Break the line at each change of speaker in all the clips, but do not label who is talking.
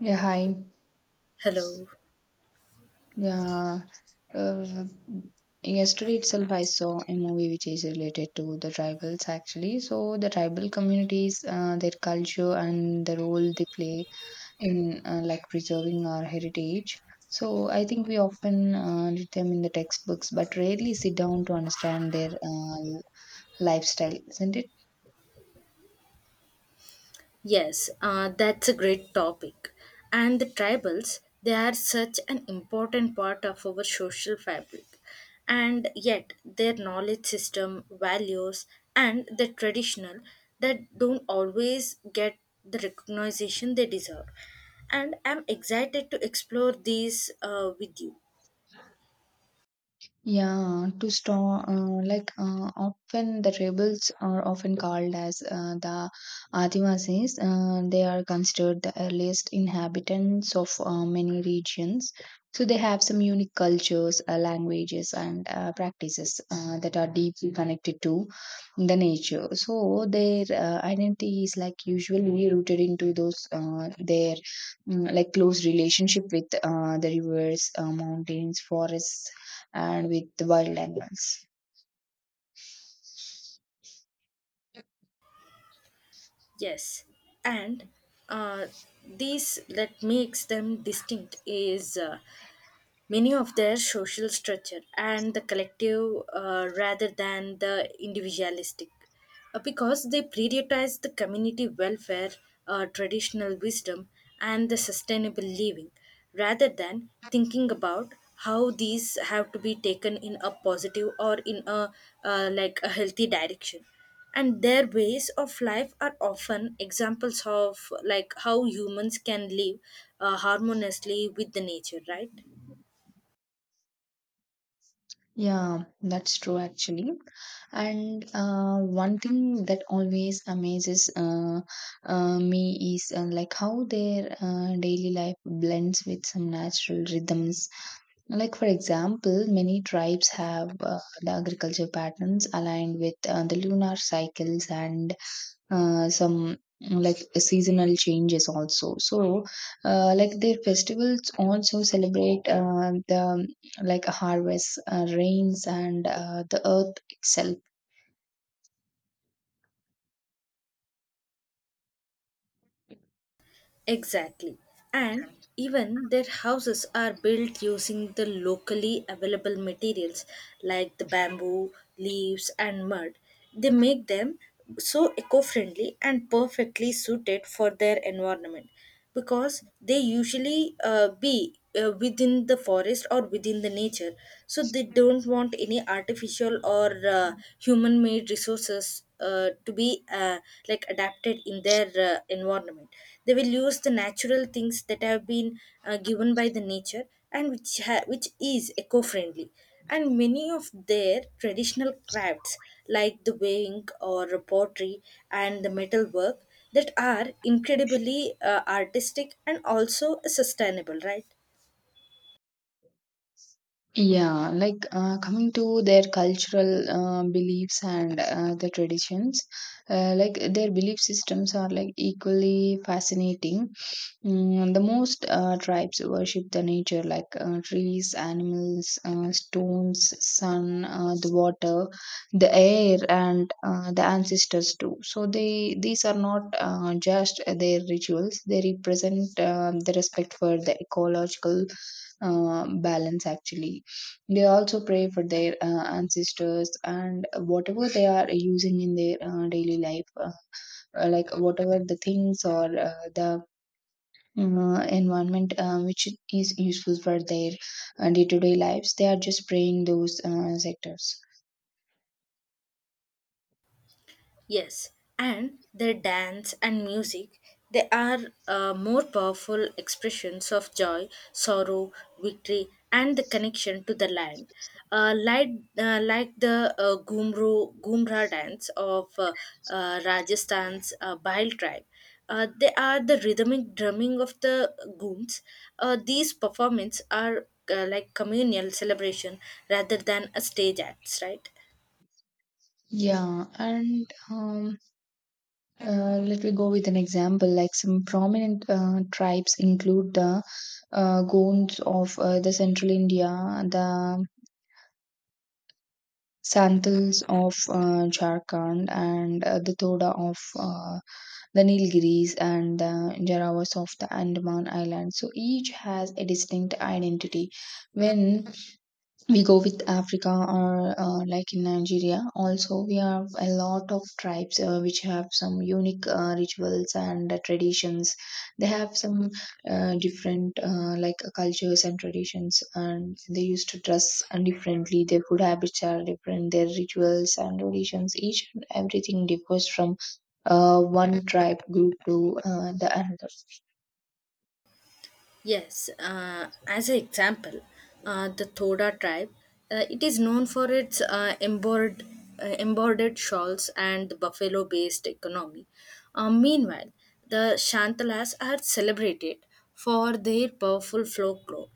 Yeah, hi.
Hello.
Yeah, uh, yesterday itself, I saw a movie which is related to the tribals actually. So, the tribal communities, their culture, and the role they play in like preserving our heritage. So, I think we often read them in the textbooks, but rarely sit down to understand their lifestyle, isn't it?
Yes, that's a great topic. And the tribals, they are such an important part of our social fabric. And yet, their knowledge system, values, and the traditional that don't always get the recognition they deserve. And I'm excited to explore these with you.
Yeah, to storm, often the rebels are often called as the Adivasis. They are considered the earliest inhabitants of many regions. So they have some unique cultures, languages, and practices that are deeply connected to the nature. So their identity is like usually rooted into those their like close relationship with the rivers, mountains, forests, and with the wild animals.
Yes, and uh, this that makes them distinct is many of their social structure and the collective rather than the individualistic because they prioritize the community welfare, traditional wisdom and the sustainable living, rather than thinking about how these have to be taken in a positive or in a like a healthy direction. And their ways of life are often examples of like how humans can live harmoniously with the nature, right?
Yeah, that's true actually. And one thing that always amazes me is like how their daily life blends with some natural rhythms. Like for example, many tribes have the agriculture patterns aligned with the lunar cycles and some like seasonal changes also, so like their festivals also celebrate the like harvest, rains, and the earth itself.
Exactly. And even their houses are built using the locally available materials like the bamboo, leaves, and mud. They make them so eco friendly and perfectly suited for their environment, because they usually be within the forest or within the nature, so they don't want any artificial or human made resources to be like adapted in their environment. They will use the natural things that have been given by the nature, and which is eco friendly. And many of their traditional crafts like the weighing or pottery and the metalwork that are incredibly artistic and also sustainable, right?
Yeah, like coming to their cultural beliefs and the traditions, like their belief systems are like equally fascinating. The most tribes worship the nature like trees, animals, stones, sun, the water, the air, and the ancestors too. So they these are not just their rituals; they represent the respect for the ecological balance. Actually, they also pray for their ancestors, and whatever they are using in their daily life, like whatever the things or the environment which is useful for their day-to-day lives, they are just praying those sectors.
Yes, and their dance and music, they are more powerful expressions of joy, sorrow, victory, and the connection to the land. Uh, like, like the Gumru, Gumra dance of Rajasthan's Bhil tribe. They are the rhythmic drumming of the gooms. These performances are like communal celebration rather than a stage acts, right?
Yeah, and let me go with an example, like some prominent tribes include the Gonds of the central India, the Santals of Jharkhand, and the Toda of the Nilgiris, and the Jarawas of the Andaman Islands. So each has a distinct identity. When we go with Africa, or like in Nigeria, also we have a lot of tribes which have some unique rituals and traditions. They have some different cultures and traditions, and they used to dress differently, their food habits are different, their rituals and traditions, each and everything differs from one tribe group to the another.
Yes, as an example, the Thoda tribe, it is known for its embroidered shawls and the buffalo-based economy. Meanwhile, the Shantalas are celebrated for their powerful folklore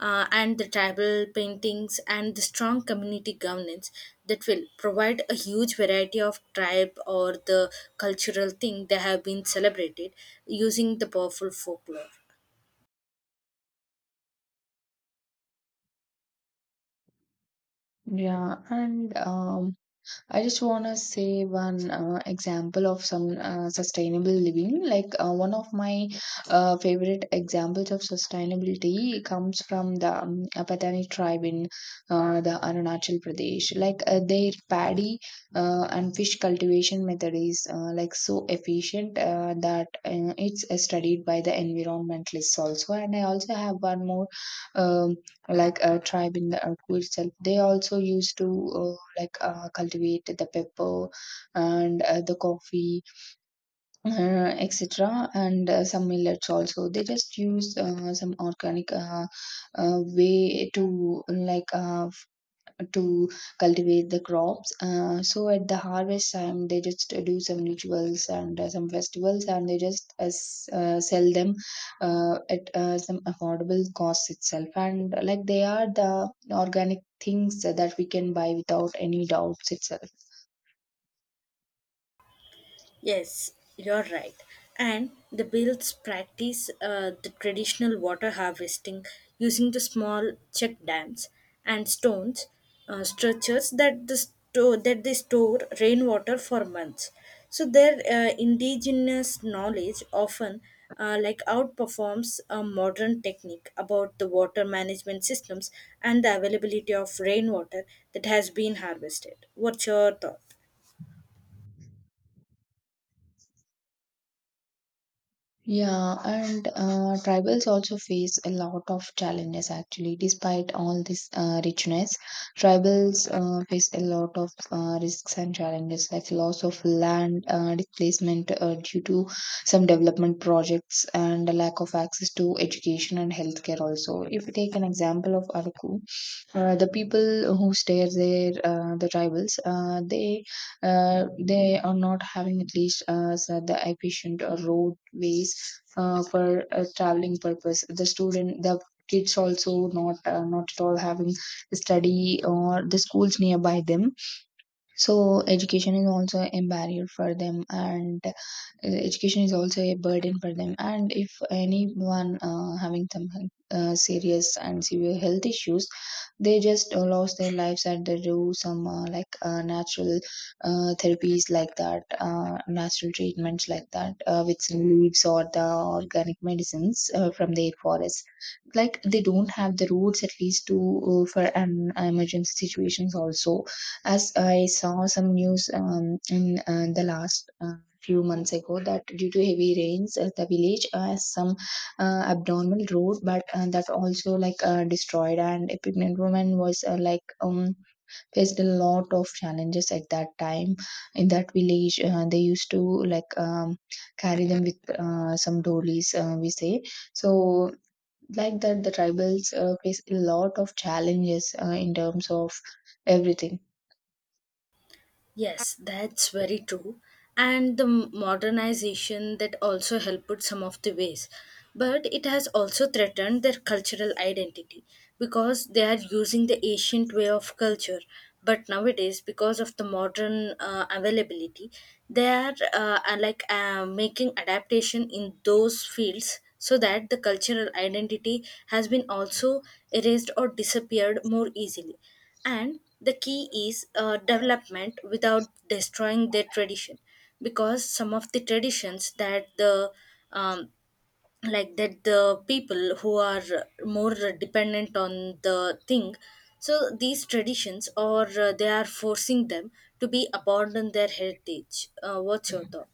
and the tribal paintings and the strong community governance that will provide a huge variety of tribe or the cultural thing that have been celebrated using the powerful folklore.
Yeah, and I just want to say one example of some sustainable living. Like one of my favorite examples of sustainability comes from the Apatani tribe in the Arunachal Pradesh. Like their paddy and fish cultivation method is like so efficient that it's studied by the environmentalists also. And I also have one more um, like a tribe in the Arku itself. They also used to uh, like cultivate the pepper and the coffee, etc. And some millets also. They just use some organic way to, like, to cultivate the crops. So at the harvest time, they just do some rituals and some festivals, and they just sell them at some affordable cost itself. And like they are the organic things that we can buy without any doubts itself.
Yes, you're right. And the Bills practice the traditional water harvesting using the small check dams and stones structures that they store rainwater for months. So their indigenous knowledge often like outperforms a modern technique about the water management systems and the availability of rainwater that has been harvested. What's your thought?
Yeah, and tribals also face a lot of challenges actually. Despite all this richness, tribals face a lot of risks and challenges like loss of land, displacement due to some development projects, and a lack of access to education and healthcare. Also, if we take an example of Araku, the people who stay there, the tribals, they are not having at least so the efficient roadways for traveling purpose. The kids also not at all having study or the schools nearby them. So education is also a barrier for them, and education is also a burden for them. And if anyone having some serious and severe health issues, they just lost their lives, and they do some natural therapies, like that, natural treatments like that with some leaves or the organic medicines from their forests. Like they don't have the roots at least to for an emergency situations also. As I saw some news in the last few months ago that due to heavy rains, the village has some abnormal road, but that also, like, destroyed, and a pregnant woman was faced a lot of challenges at that time in that village. They used to, like, carry them with some dollies, we say. So like that, the tribals face a lot of challenges in terms of everything.
Yes, that's very true. And the modernization that also helped some of the ways. But it has also threatened their cultural identity, because they are using the ancient way of culture. But nowadays, because of the modern availability, they are like making adaptation in those fields, so that the cultural identity has been also erased or disappeared more easily. And the key is development without destroying their tradition, because some of the traditions that the um, like that the people who are more dependent on the thing, so these traditions or they are forcing them to be abandon their heritage. What's your thought?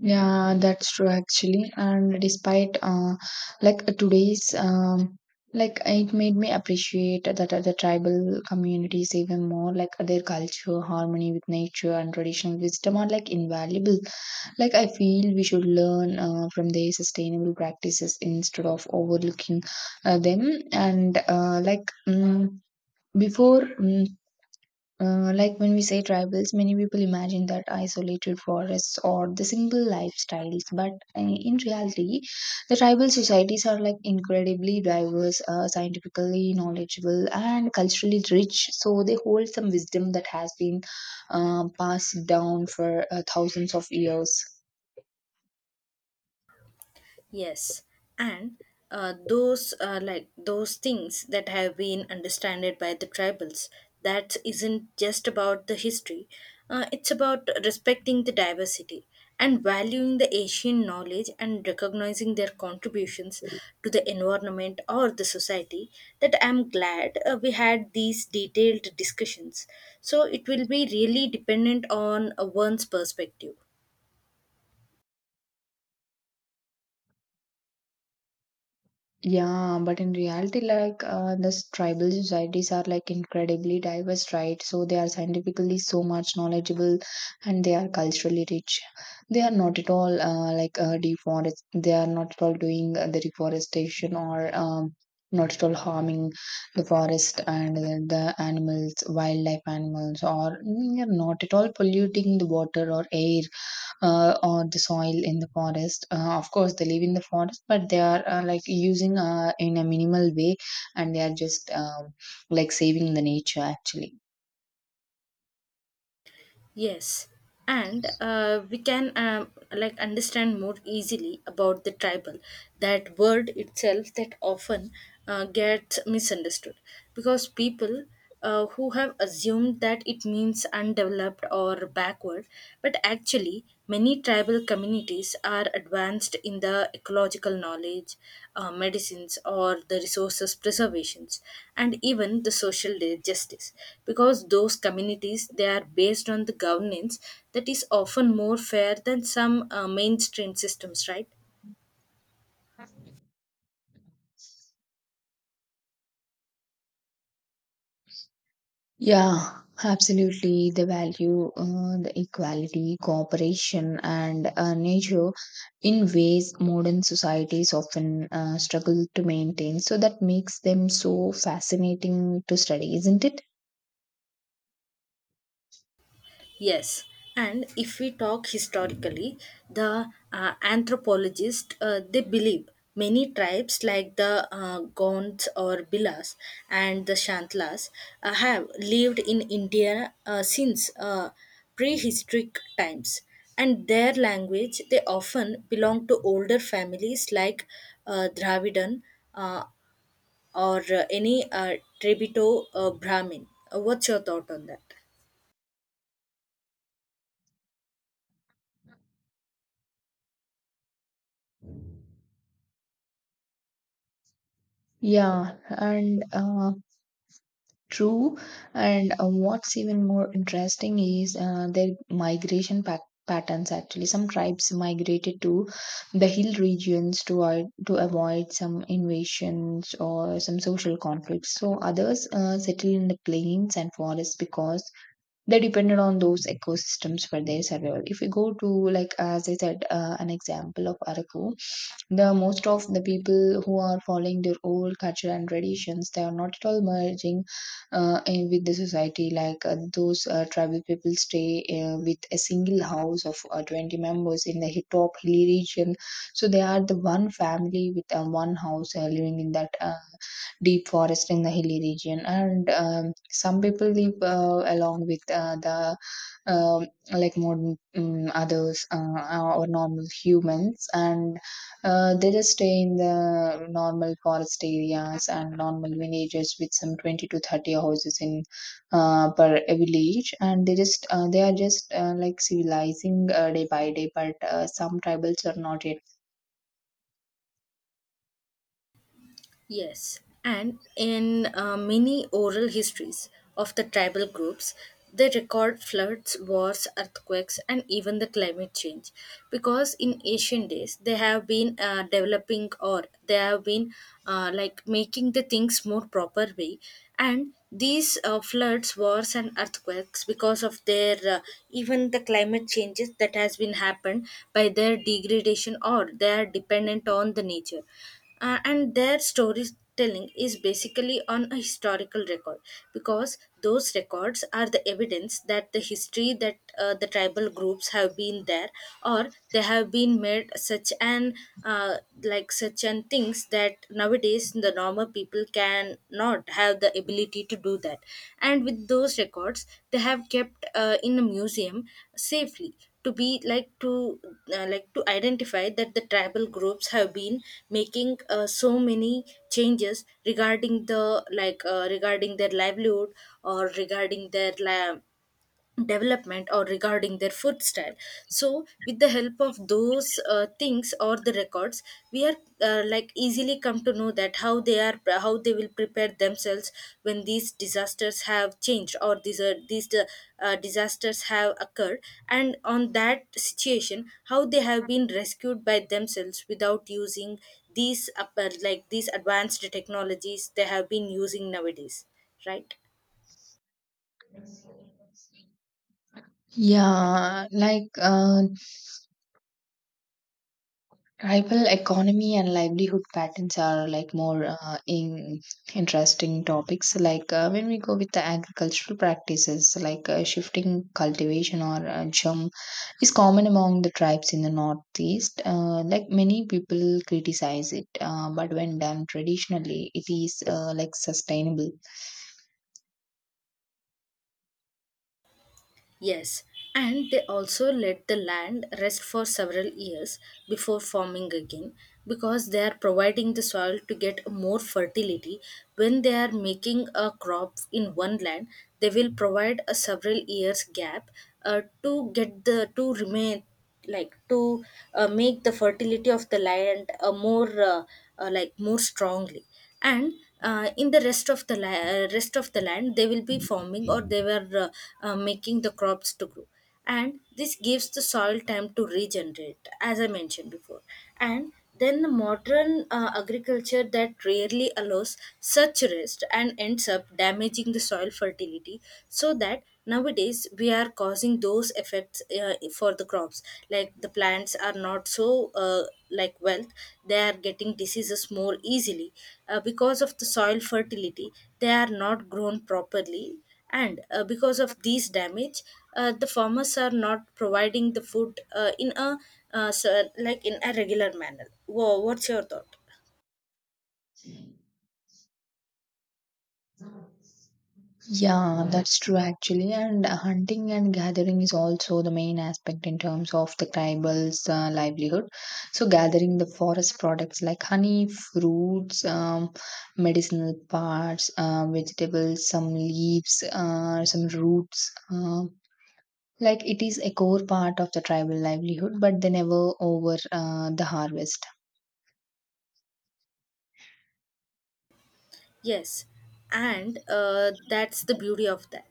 Yeah, that's true actually. And despite like today's like, it made me appreciate that other tribal communities even more. Like their culture, harmony with nature, and traditional wisdom are like invaluable. Like, I feel we should learn from their sustainable practices instead of overlooking them. And like, mm, before. Mm like, when we say tribals, many people imagine that isolated forests or the single lifestyles, but in reality, the tribal societies are like incredibly diverse, scientifically knowledgeable, and culturally rich. So they hold some wisdom that has been passed down for thousands of years.
Yes, and those like those things that have been understood by the tribals. That isn't just about the history. It's about respecting the diversity and valuing the Asian knowledge and recognizing their contributions to the environment or the society. That I'm glad we had these detailed discussions. So it will be really dependent on one's perspective.
Yeah, but in reality, like this tribal societies are like incredibly diverse, right? So they are scientifically so much knowledgeable, and they are culturally rich. They are not at all deforest. They are not at all doing the deforestation, or not at all harming the forest and the animals, wildlife animals, or they are not at all polluting the water or air or the soil in the forest. Of course, they live in the forest, but they are like using in a minimal way, and they are just, like, saving the nature actually.
Yes, and we can like understand more easily about the tribal. That word itself that often gets misunderstood, because people who have assumed that it means undeveloped or backward, but actually many. Many tribal communities are advanced in the ecological knowledge, medicines, or the resources preservations, and even the justice. Because those communities they are based on the governance that is often more fair than some mainstream systems, right?
Yeah, absolutely. The value, the equality, cooperation, and nature in ways modern societies often struggle to maintain. So that makes them so fascinating to study, isn't it?
Yes, and if we talk historically, the anthropologists they believe many tribes like the Gonds or Bilas and the Shantlas have lived in India since prehistoric times, and their language they often belong to older families like Dravidan, uh, or any Trebito Brahmin. What's your thought on that?
Yeah, and True, and what's even more interesting is their migration pac patterns actually. Some tribes migrated to the hill regions to avoid some invasions or some social conflicts. So others settled in the plains and forests because they depended on those ecosystems for their survival. If we go to, like, as I said, an example of Araku, the most of the people who are following their old culture and traditions, they are not at all merging in with the society, like those tribal people stay with a single house of 20 members in the hi- top hilly region, so they are the one family with one house living in that deep forest in the hilly region. And some people live along with the like modern others, or normal humans, and they just stay in the normal forest areas and normal villages with some 20 to 30 houses in per village, and they are just like civilizing day by day, but some tribals are not yet.
Yes, and in many oral histories of the tribal groups, they record floods, wars, earthquakes, and even the climate change. Because in ancient days, they have been developing or they have been like making the things more proper way. And these floods, wars, and earthquakes, because of their even the climate changes that has been happened by their degradation or they are dependent on the nature, and their storytelling is basically on a historical record, because those records are the evidence that the history that the tribal groups have been there or they have been made such an uh, like such an things that nowadays the normal people can not have the ability to do that. And with those records they have kept in a museum safely, to be like to identify that the tribal groups have been making so many changes regarding the, like regarding their livelihood or regarding their la development or regarding their food style. So with the help of those things or the records, we are like easily come to know that how they are, how they will prepare themselves when these disasters have changed or these are these disasters have occurred, and on that situation how they have been rescued by themselves without using these upper like these advanced technologies they have been using nowadays, right?
Yeah, like tribal economy and livelihood patterns are like more in interesting topics. Like when we go with the agricultural practices, like shifting cultivation or jump is common among the tribes in the northeast. Like, many people criticize it, but when done traditionally, it is like sustainable.
Yes, and they also let the land rest for several years before farming again, because they are providing the soil to get more fertility. When they are making a crop in one land, they will provide a several years gap to get the to remain like to make the fertility of the land more like more strongly. And in the rest of the rest of the land they will be farming or they were making the crops to grow. And this gives the soil time to regenerate, as I mentioned before. And then the modern agriculture that rarely allows such rest and ends up damaging the soil fertility. So that nowadays we are causing those effects for the crops, like the plants are not so like wealth, they are getting diseases more easily because of the soil fertility, they are not grown properly. And because of these damage, the farmers are not providing the food in a so, like in a regular manner. What's your thought?
Yeah, that's true actually. And hunting and gathering is also the main aspect in terms of the tribal's livelihood. So, gathering the forest products like honey, fruits, medicinal parts, vegetables, some leaves, some roots. Like, it is a core part of the tribal livelihood, but they never over the harvest.
Yes, and that's the beauty of that.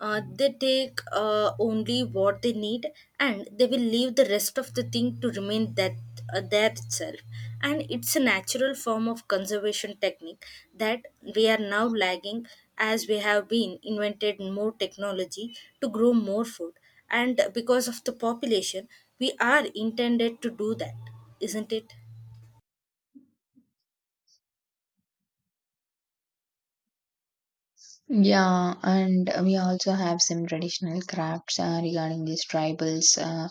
They take only what they need, and they will leave the rest of the thing to remain that there itself. And it's a natural form of conservation technique that we are now lagging, as we have been invented more technology to grow more food. And because of the population, we are intended to do that, isn't it?
Yeah, and we also have some traditional crafts regarding these tribals.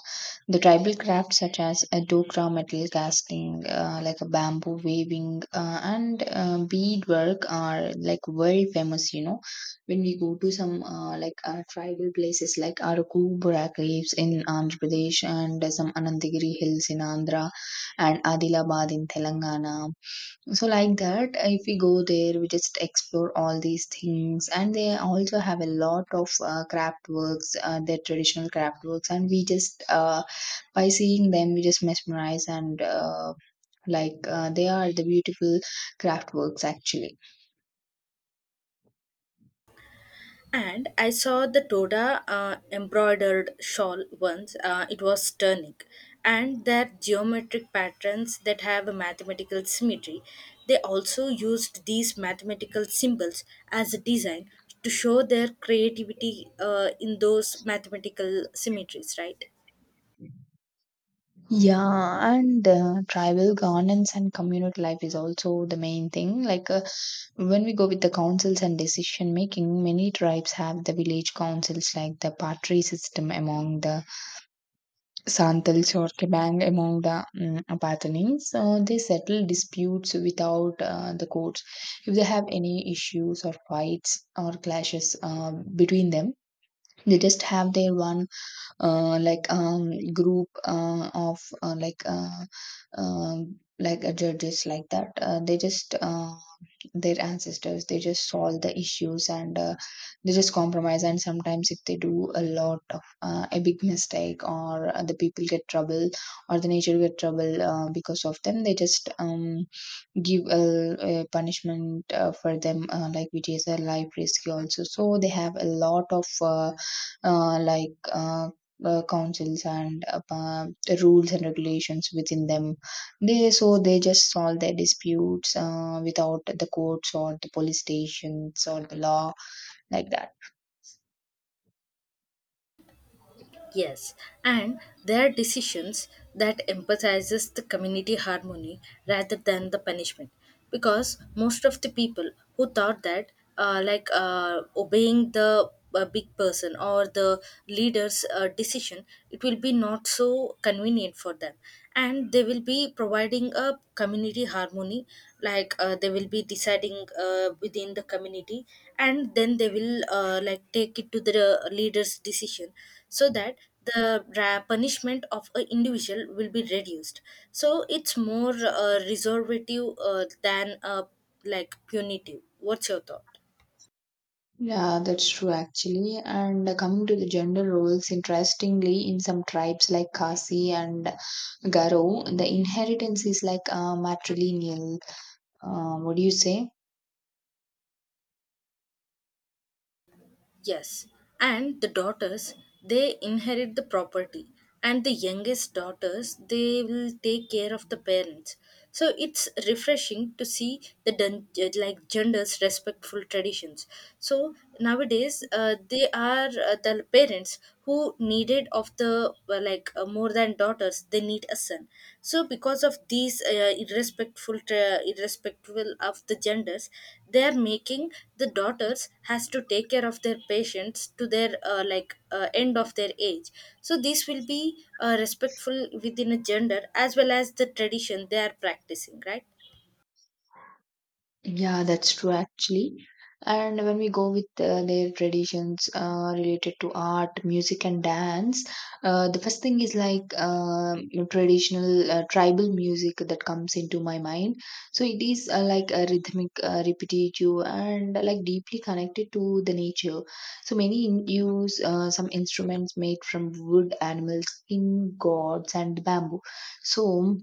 The tribal crafts such as a dokra metal casting, like a bamboo weaving, and beadwork are like world famous. You know, when we go to some tribal places like Arakubura caves in Andhra Pradesh and some Anantagiri hills in Andhra and Adilabad in Telangana. So like that, if we go there, we just explore all these things, and they also have a lot of craft works, their traditional craft works, and we just by seeing them we just mesmerize and they are the beautiful craft works actually.
And I saw the Toda embroidered shawl once. It was stunning. And their geometric patterns that have a mathematical symmetry. They also used these mathematical symbols as a design to show their creativity in those mathematical symmetries, right?
Yeah, and tribal governance and community life is also the main thing, like when we go with the councils and decision making, many tribes have the village councils like the party system among the Santals, or Kabang among the Apathenids. They settle disputes without the courts. If they have any issues or fights or clashes between them, they just have their one group of judges like that. They just their ancestors, they just solve the issues, and they just compromise. And sometimes if they do a lot of a big mistake, or the people get trouble or the nature get trouble because of them, they just give a punishment for them, like which is a life risk also. So they have a lot of uh, like uh, councils and rules and regulations within them, they so they just solve their disputes without the courts or the police stations or the law, like that.
Yes, and their decisions that emphasizes the community harmony rather than the punishment, because most of the people who thought that obeying the big person or the leader's decision, it will be not so convenient for them, and they will be providing a community harmony, like they will be deciding within the community, and then they will like take it to the leader's decision, so that the punishment of an individual will be reduced. So it's more reservative than like punitive. What's your thought?
Yeah, that's true actually. And coming to the gender roles, interestingly, in some tribes like Khasi and Garo, the inheritance is like matrilineal. What do you say?
Yes, and the daughters they inherit the property, and the youngest daughters they will take care of the parents. So it's refreshing to see the like genders respectful traditions. So nowadays, the parents who needed of the more than daughters, they need a son. So because of these irrespectful irrespectful of the genders, they are making the daughters has to take care of their patients to their end of their age. So this will be respectful within a gender as well as the tradition they are practicing, right?
Yeah, that's true actually. And when we go with their traditions related to art, music, and dance, the first thing is like traditional tribal music that comes into my mind. So it is like a rhythmic, repetitive, and like deeply connected to the nature. So many use some instruments made from wood, animals, skin, gods, and bamboo. So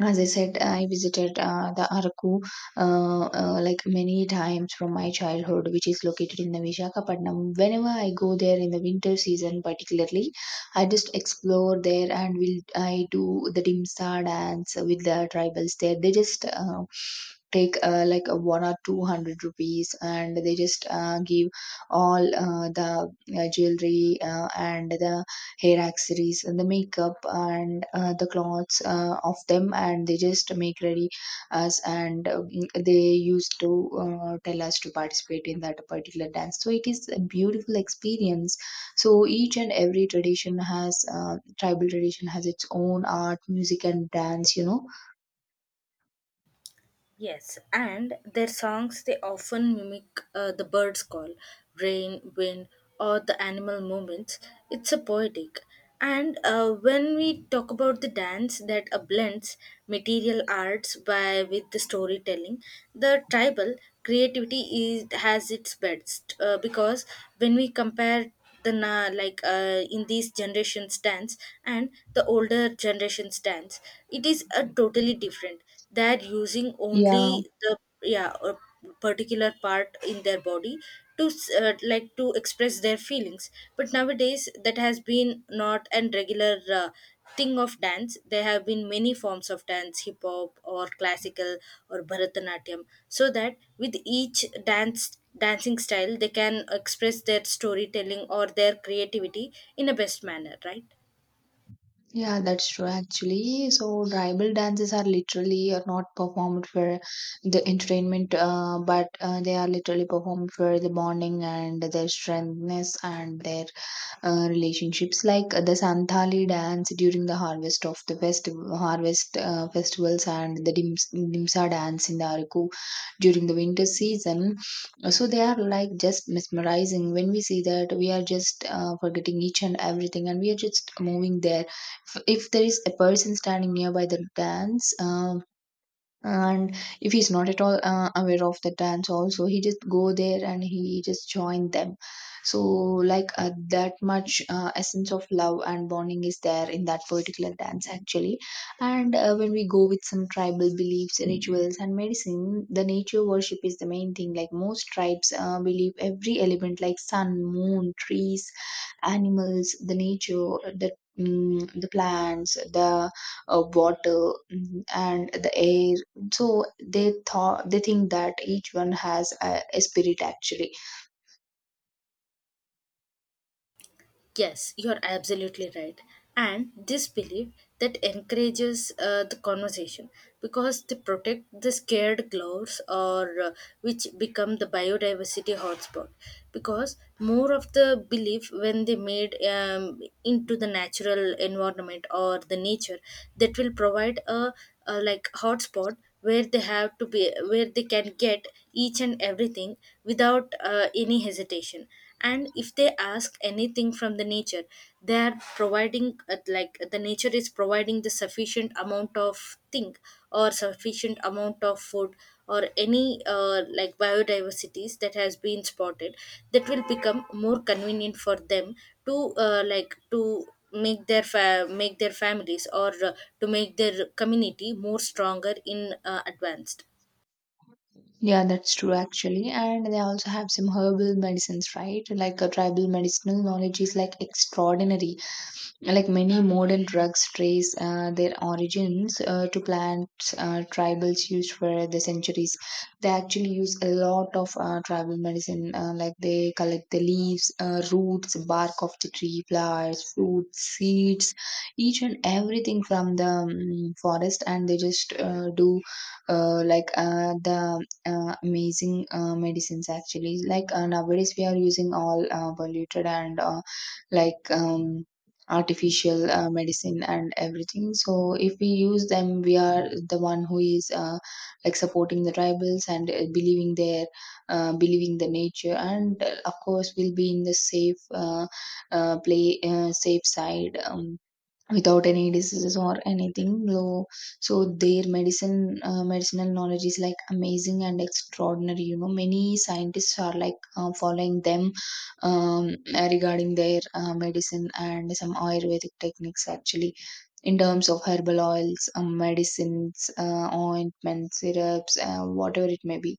as I said, I visited the Araku like many times from my childhood, which is located in the Visakhapatnam. Whenever I go there in the winter season, particularly, I just explore there and will I do the dimsa dance with the tribals there. They just take like a one or two hundred rupees, and they just give all the jewelry and the hair accessories and the makeup and the clothes of them, and they just make ready us, and they used to tell us to participate in that particular dance. So it is a beautiful experience. So each and every tradition has tribal tradition has its own art, music, and dance, you know.
Yes, and their songs they often mimic the bird's call, rain, wind, or the animal movements. It's a poetic. And when we talk about the dance that blends material arts by with the storytelling, the tribal creativity is has its best because when we compare in in these generations dance and the older generations dance, it is a totally different. They're using only
Yeah.
the, yeah, a particular part in their body to like to express their feelings. But nowadays that has been not an regular thing of dance. There have been many forms of dance, hip hop or classical or bharatanatyam, so that with each dance dancing style they can express their storytelling or their creativity in a best manner, right?
Yeah, that's true actually. So tribal dances are literally are not performed for the entertainment, but they are literally performed for the bonding and their strengthness and their relationships, like the Santhali dance during the harvest of the festival harvest festivals, and the dimsa dance in the Araku during the winter season. So they are like just mesmerizing. When we see that, we are just forgetting each and everything, and we are just moving there. If there is a person standing nearby the dance, and if he's not at all aware of the dance also, he just go there and he just join them. So like that much essence of love and bonding is there in that particular dance actually. And when we go with some tribal beliefs, rituals, and medicine, the nature worship is the main thing, like most tribes believe every element like sun, moon, trees, animals, the nature, the the plants, the water, and the air. So they thought, they think that each one has a spirit actually.
Yes, you're absolutely right. And this belief that encourages the conversation, because they protect the scared gloves or which become the biodiversity hotspot, because more of the belief when they made into the natural environment or the nature, that will provide a like hotspot where they have to be, where they can get each and everything without any hesitation. And if they ask anything from the nature, they are providing like the nature is providing the sufficient amount of thing or sufficient amount of food or any like biodiversities that has been spotted, that will become more convenient for them to like to make their make their families or to make their community more stronger in advanced.
Yeah, that's true actually. And they also have some herbal medicines, right? Like a tribal medicinal knowledge is like extraordinary. Like many modern drugs trace their origins to plants tribals used for the centuries. They actually use a lot of tribal medicine, like they collect the leaves, roots, bark of the tree, flowers, fruits, seeds, each and everything from the forest, and they just do like the amazing medicines actually. Like nowadays, we are using all polluted and like. Um, artificial medicine and everything. So if we use them, we are the one who is like supporting the tribals and believing their believing the nature, and of course we'll be in the safe play safe side, without any diseases or anything though. So their medicine medicinal knowledge is like amazing and extraordinary, you know. Many scientists are like following them, um, regarding their medicine and some ayurvedic techniques actually, in terms of herbal oils, medicines, ointments, syrups, whatever it may be.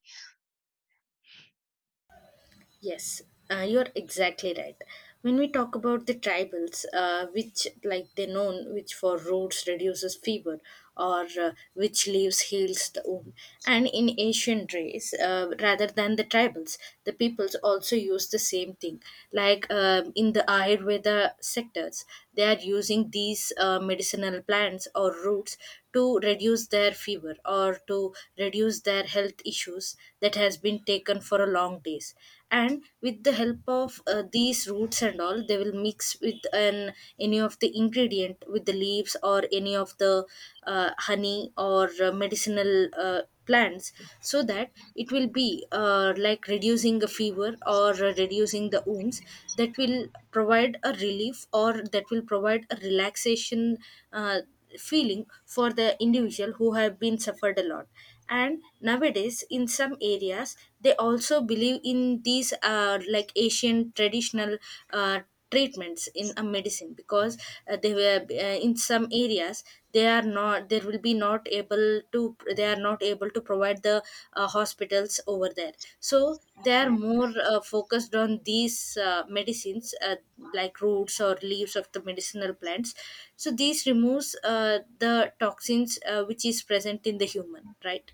Yes, you're exactly right. When we talk about the tribals, which like they known, which for roots reduces fever, or which leaves heals the wound, and in ancient race, rather than the tribals, the peoples also use the same thing. Like in the Ayurveda sectors, they are using these medicinal plants or roots to reduce their fever or to reduce their health issues that has been taken for a long days. And with the help of these roots and all, they will mix with an any of the ingredient with the leaves or any of the honey or medicinal plants, so that it will be like reducing the fever or reducing the wounds, that will provide a relief or that will provide a relaxation uh, feeling for the individual who have been suffered a lot. And nowadays in some areas, they also believe in these like asian traditional uh, treatments in a medicine, because they were in some areas they are not, there will be not able to, they are not able to provide the hospitals over there. So they are more focused on these medicines like roots or leaves of the medicinal plants, so these removes the toxins which is present in the human, right?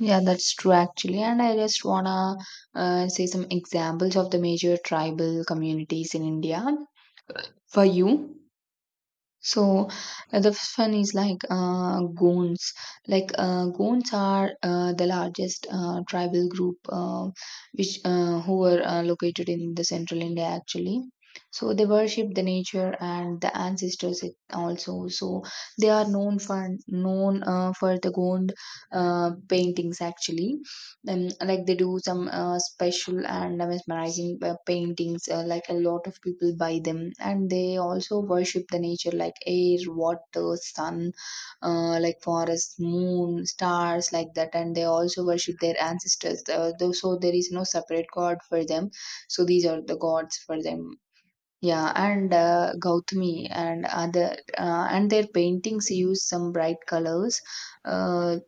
Yeah, that's true actually. And I just wanna say some examples of the major tribal communities in India for you. So the first one is like Goans. Like Goans are the largest tribal group, which who were located in the central India actually. So they worship the nature and the ancestors also. So they are known for known for the Gond paintings actually. Then, like they do some special and mesmerizing paintings. Like a lot of people buy them, and they also worship the nature, like air, water, sun, like forest, moon, stars, like that. And they also worship their ancestors. Though, so there is no separate god for them. So these are the gods for them. Yeah, and Gautami and other and their paintings use some bright colors. Uh,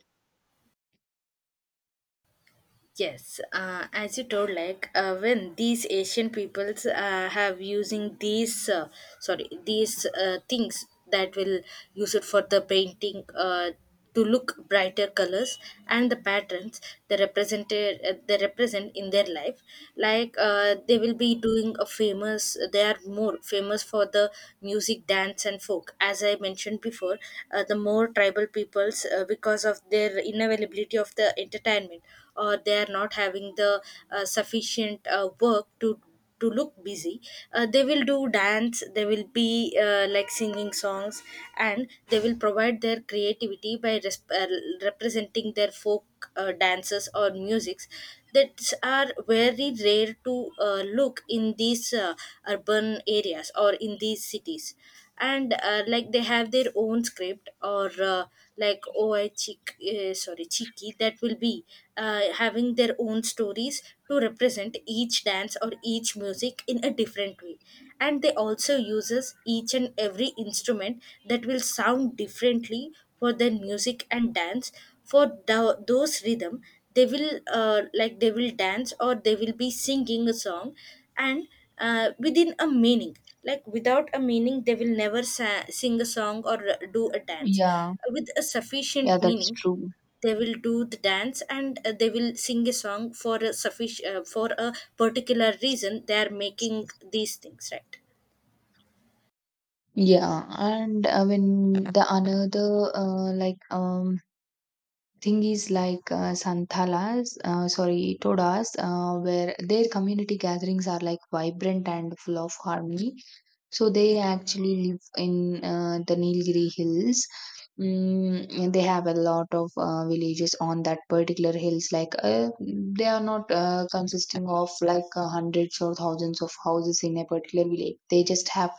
Yes, as you told, like when these Asian peoples have using these, sorry, these things that will use it for the painting to look brighter colors and the patterns they represent in their life. Like they will be doing a famous. They are more famous for the music, dance, and folk, as I mentioned before, the more tribal peoples, because of their inavailability of the entertainment, or they are not having the sufficient work to look busy. They will do dance, they will be like singing songs, and they will provide their creativity by representing their folk dances or musics that are very rare to look in these urban areas or in these cities. And like they have their own script or like oi chick sorry chiki, that will be having their own stories to represent each dance or each music in a different way. And they also uses each and every instrument that will sound differently for their music and dance. For the, those rhythm, they will like they will dance or they will be singing a song, and within a meaning, like without a meaning they will never sing a song or do a dance.
yeah,
With a sufficient
yeah,
meaning
that's true.
they will do the dance, and they will sing a song for a sufficient for a particular reason they are making these things, right?
Yeah, and I mean the another thing is like Santalas, sorry, Todas, where their community gatherings are like vibrant and full of harmony. So they actually live in the Nilgiri hills. They have a lot of villages on that particular hills. Like they are not consisting of like hundreds or thousands of houses in a particular village. They just have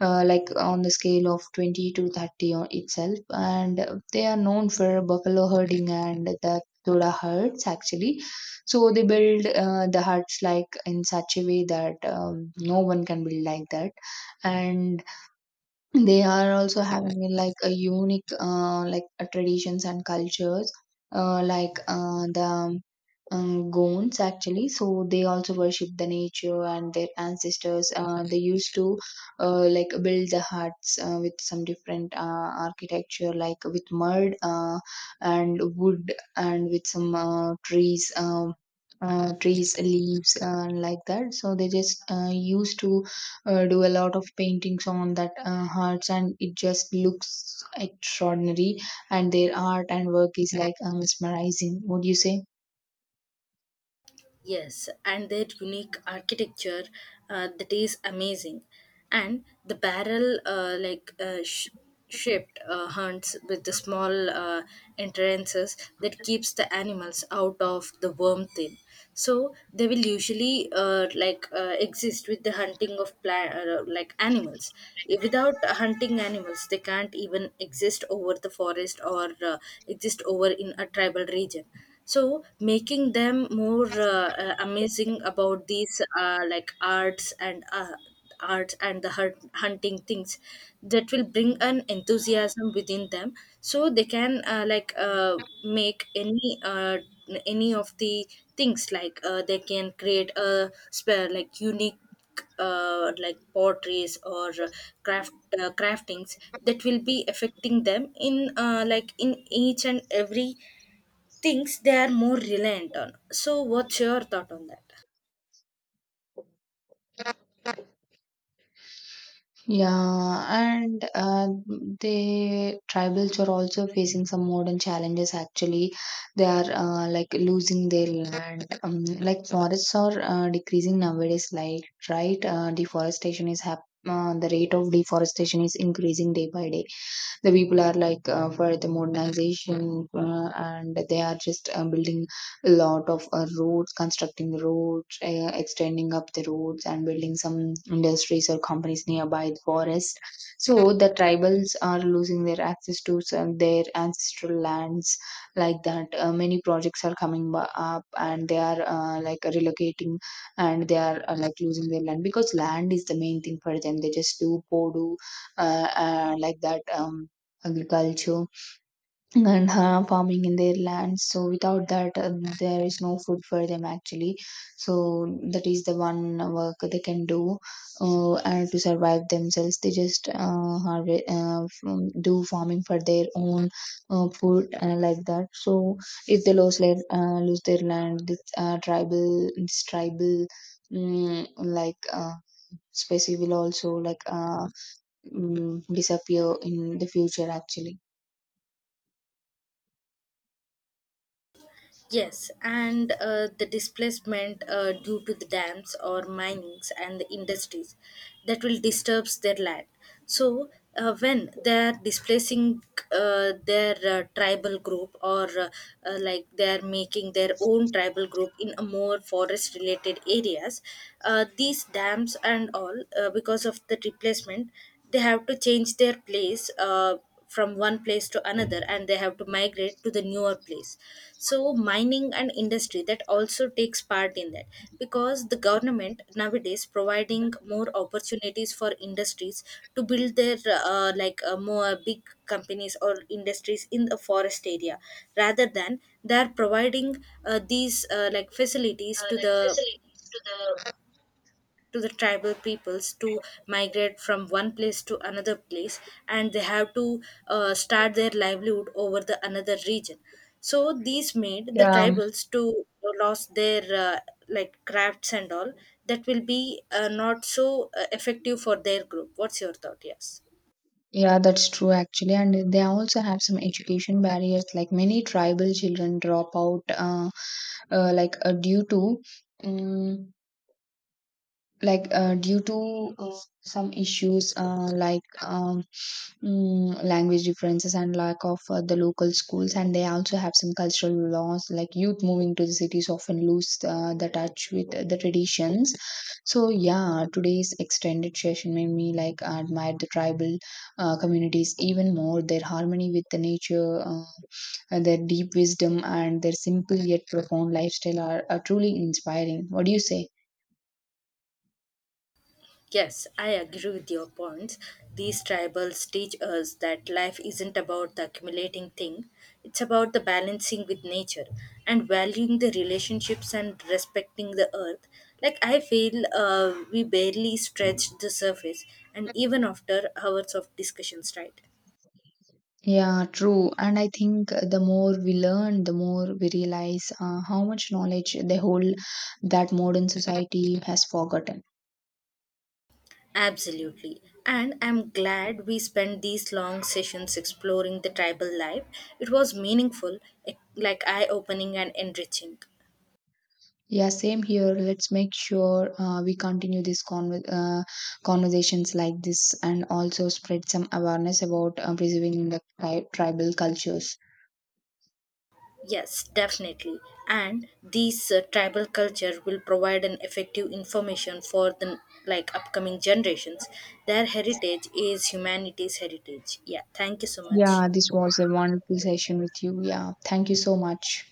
like on the scale of 20 to 30 on itself, and they are known for buffalo herding and the Thoda herds actually. So they build the huts like in such a way that no one can build like that, and they are also having like a unique traditions and cultures, like the Gonds actually. So they also worship the nature and their ancestors. They used to like build the huts with some different architecture, like with mud and wood and with some trees. Trees leaves, like that. So they just used to do a lot of paintings on that huts, and it just looks extraordinary, and their art and work is like mesmerizing, would you say?
Yes, and their unique architecture that is amazing. And the barrel shaped hunts with the small entrances that keeps the animals out of the worm thing. So they will usually exist with the hunting of like animals. If Without hunting animals, they can't even exist over the forest or exist over in a tribal region, so making them more amazing about these like arts and the hunting things, that will bring an enthusiasm within them, so they can make any of the things, like they can create a spare like unique like potteries or craft craftings that will be affecting them in like in each and every things they are more reliant on. So, what's your thought on that?
Yeah, and the tribals are also facing some modern challenges. Actually, they are like losing their land. Like forests are decreasing nowadays. Like right, deforestation is the rate of deforestation is increasing day by day. The people are like for the modernization, and they are just building a lot of roads, constructing roads, extending up the roads and building some industries or companies nearby the forest. So the tribals are losing their access to some, their ancestral lands, like that. Many projects are coming up, and they are like relocating, and they are like losing their land, because land is the main thing for them. They just do podu like that, agriculture and farming in their lands. So without that, there is no food for them actually. So that is the one work they can do, and to survive themselves they just do farming for their own food, like that. So if they lose their land, this tribal mm, like uh, species will also like disappear in the future actually.
Yes, and the displacement due to the dams or minings and the industries, that will disturbs their land. So, when they are displacing their tribal group or like they are making their own tribal group in a more forest related areas, these dams and all because of the replacement, they have to change their place. From one place to another, and they have to migrate to the newer place. So mining and industry that also takes part in that, because the government nowadays providing more opportunities for industries to build their more big companies or industries in the forest area, rather than they are providing these like facilities
The facilities to the.
to the tribal peoples to migrate from one place to another place. And they have to start their livelihood over the another region. So these made the
Yeah,
tribals to lost their like crafts and all, that will be not so effective for their group. What's your thought? Yes.
yeah, that's true actually. And they also have some education barriers, like many tribal children drop out, like due to, um, like due to some issues, like language differences and lack of the local schools. And they also have some cultural laws, like youth moving to the cities often lose the touch with the traditions. So yeah, today's extended session made me like admire the tribal communities even more. Their harmony with the nature, and their deep wisdom and their simple yet profound lifestyle are truly inspiring. What do you say?
Yes, I agree with your points. These tribals teach us that life isn't about the accumulating thing, it's about the balancing with nature and valuing the relationships and respecting the earth. Like, I feel we barely stretched the surface, and even after hours of discussions, right?
Yeah, true. And I think the more we learn, the more we realize how much knowledge they hold that modern society has forgotten.
Absolutely. And I'm glad we spent these long sessions exploring the tribal life. It was meaningful, like eye opening and enriching.
Yeah, same here. Let's make sure we continue these conversations like this, and also spread some awareness about preserving the tribal cultures.
Yes, definitely. And these tribal culture will provide an effective information for the like upcoming generations. Their heritage is humanity's heritage. Yeah, thank you so much.
Yeah, this was a wonderful session with you. Yeah, thank you so much.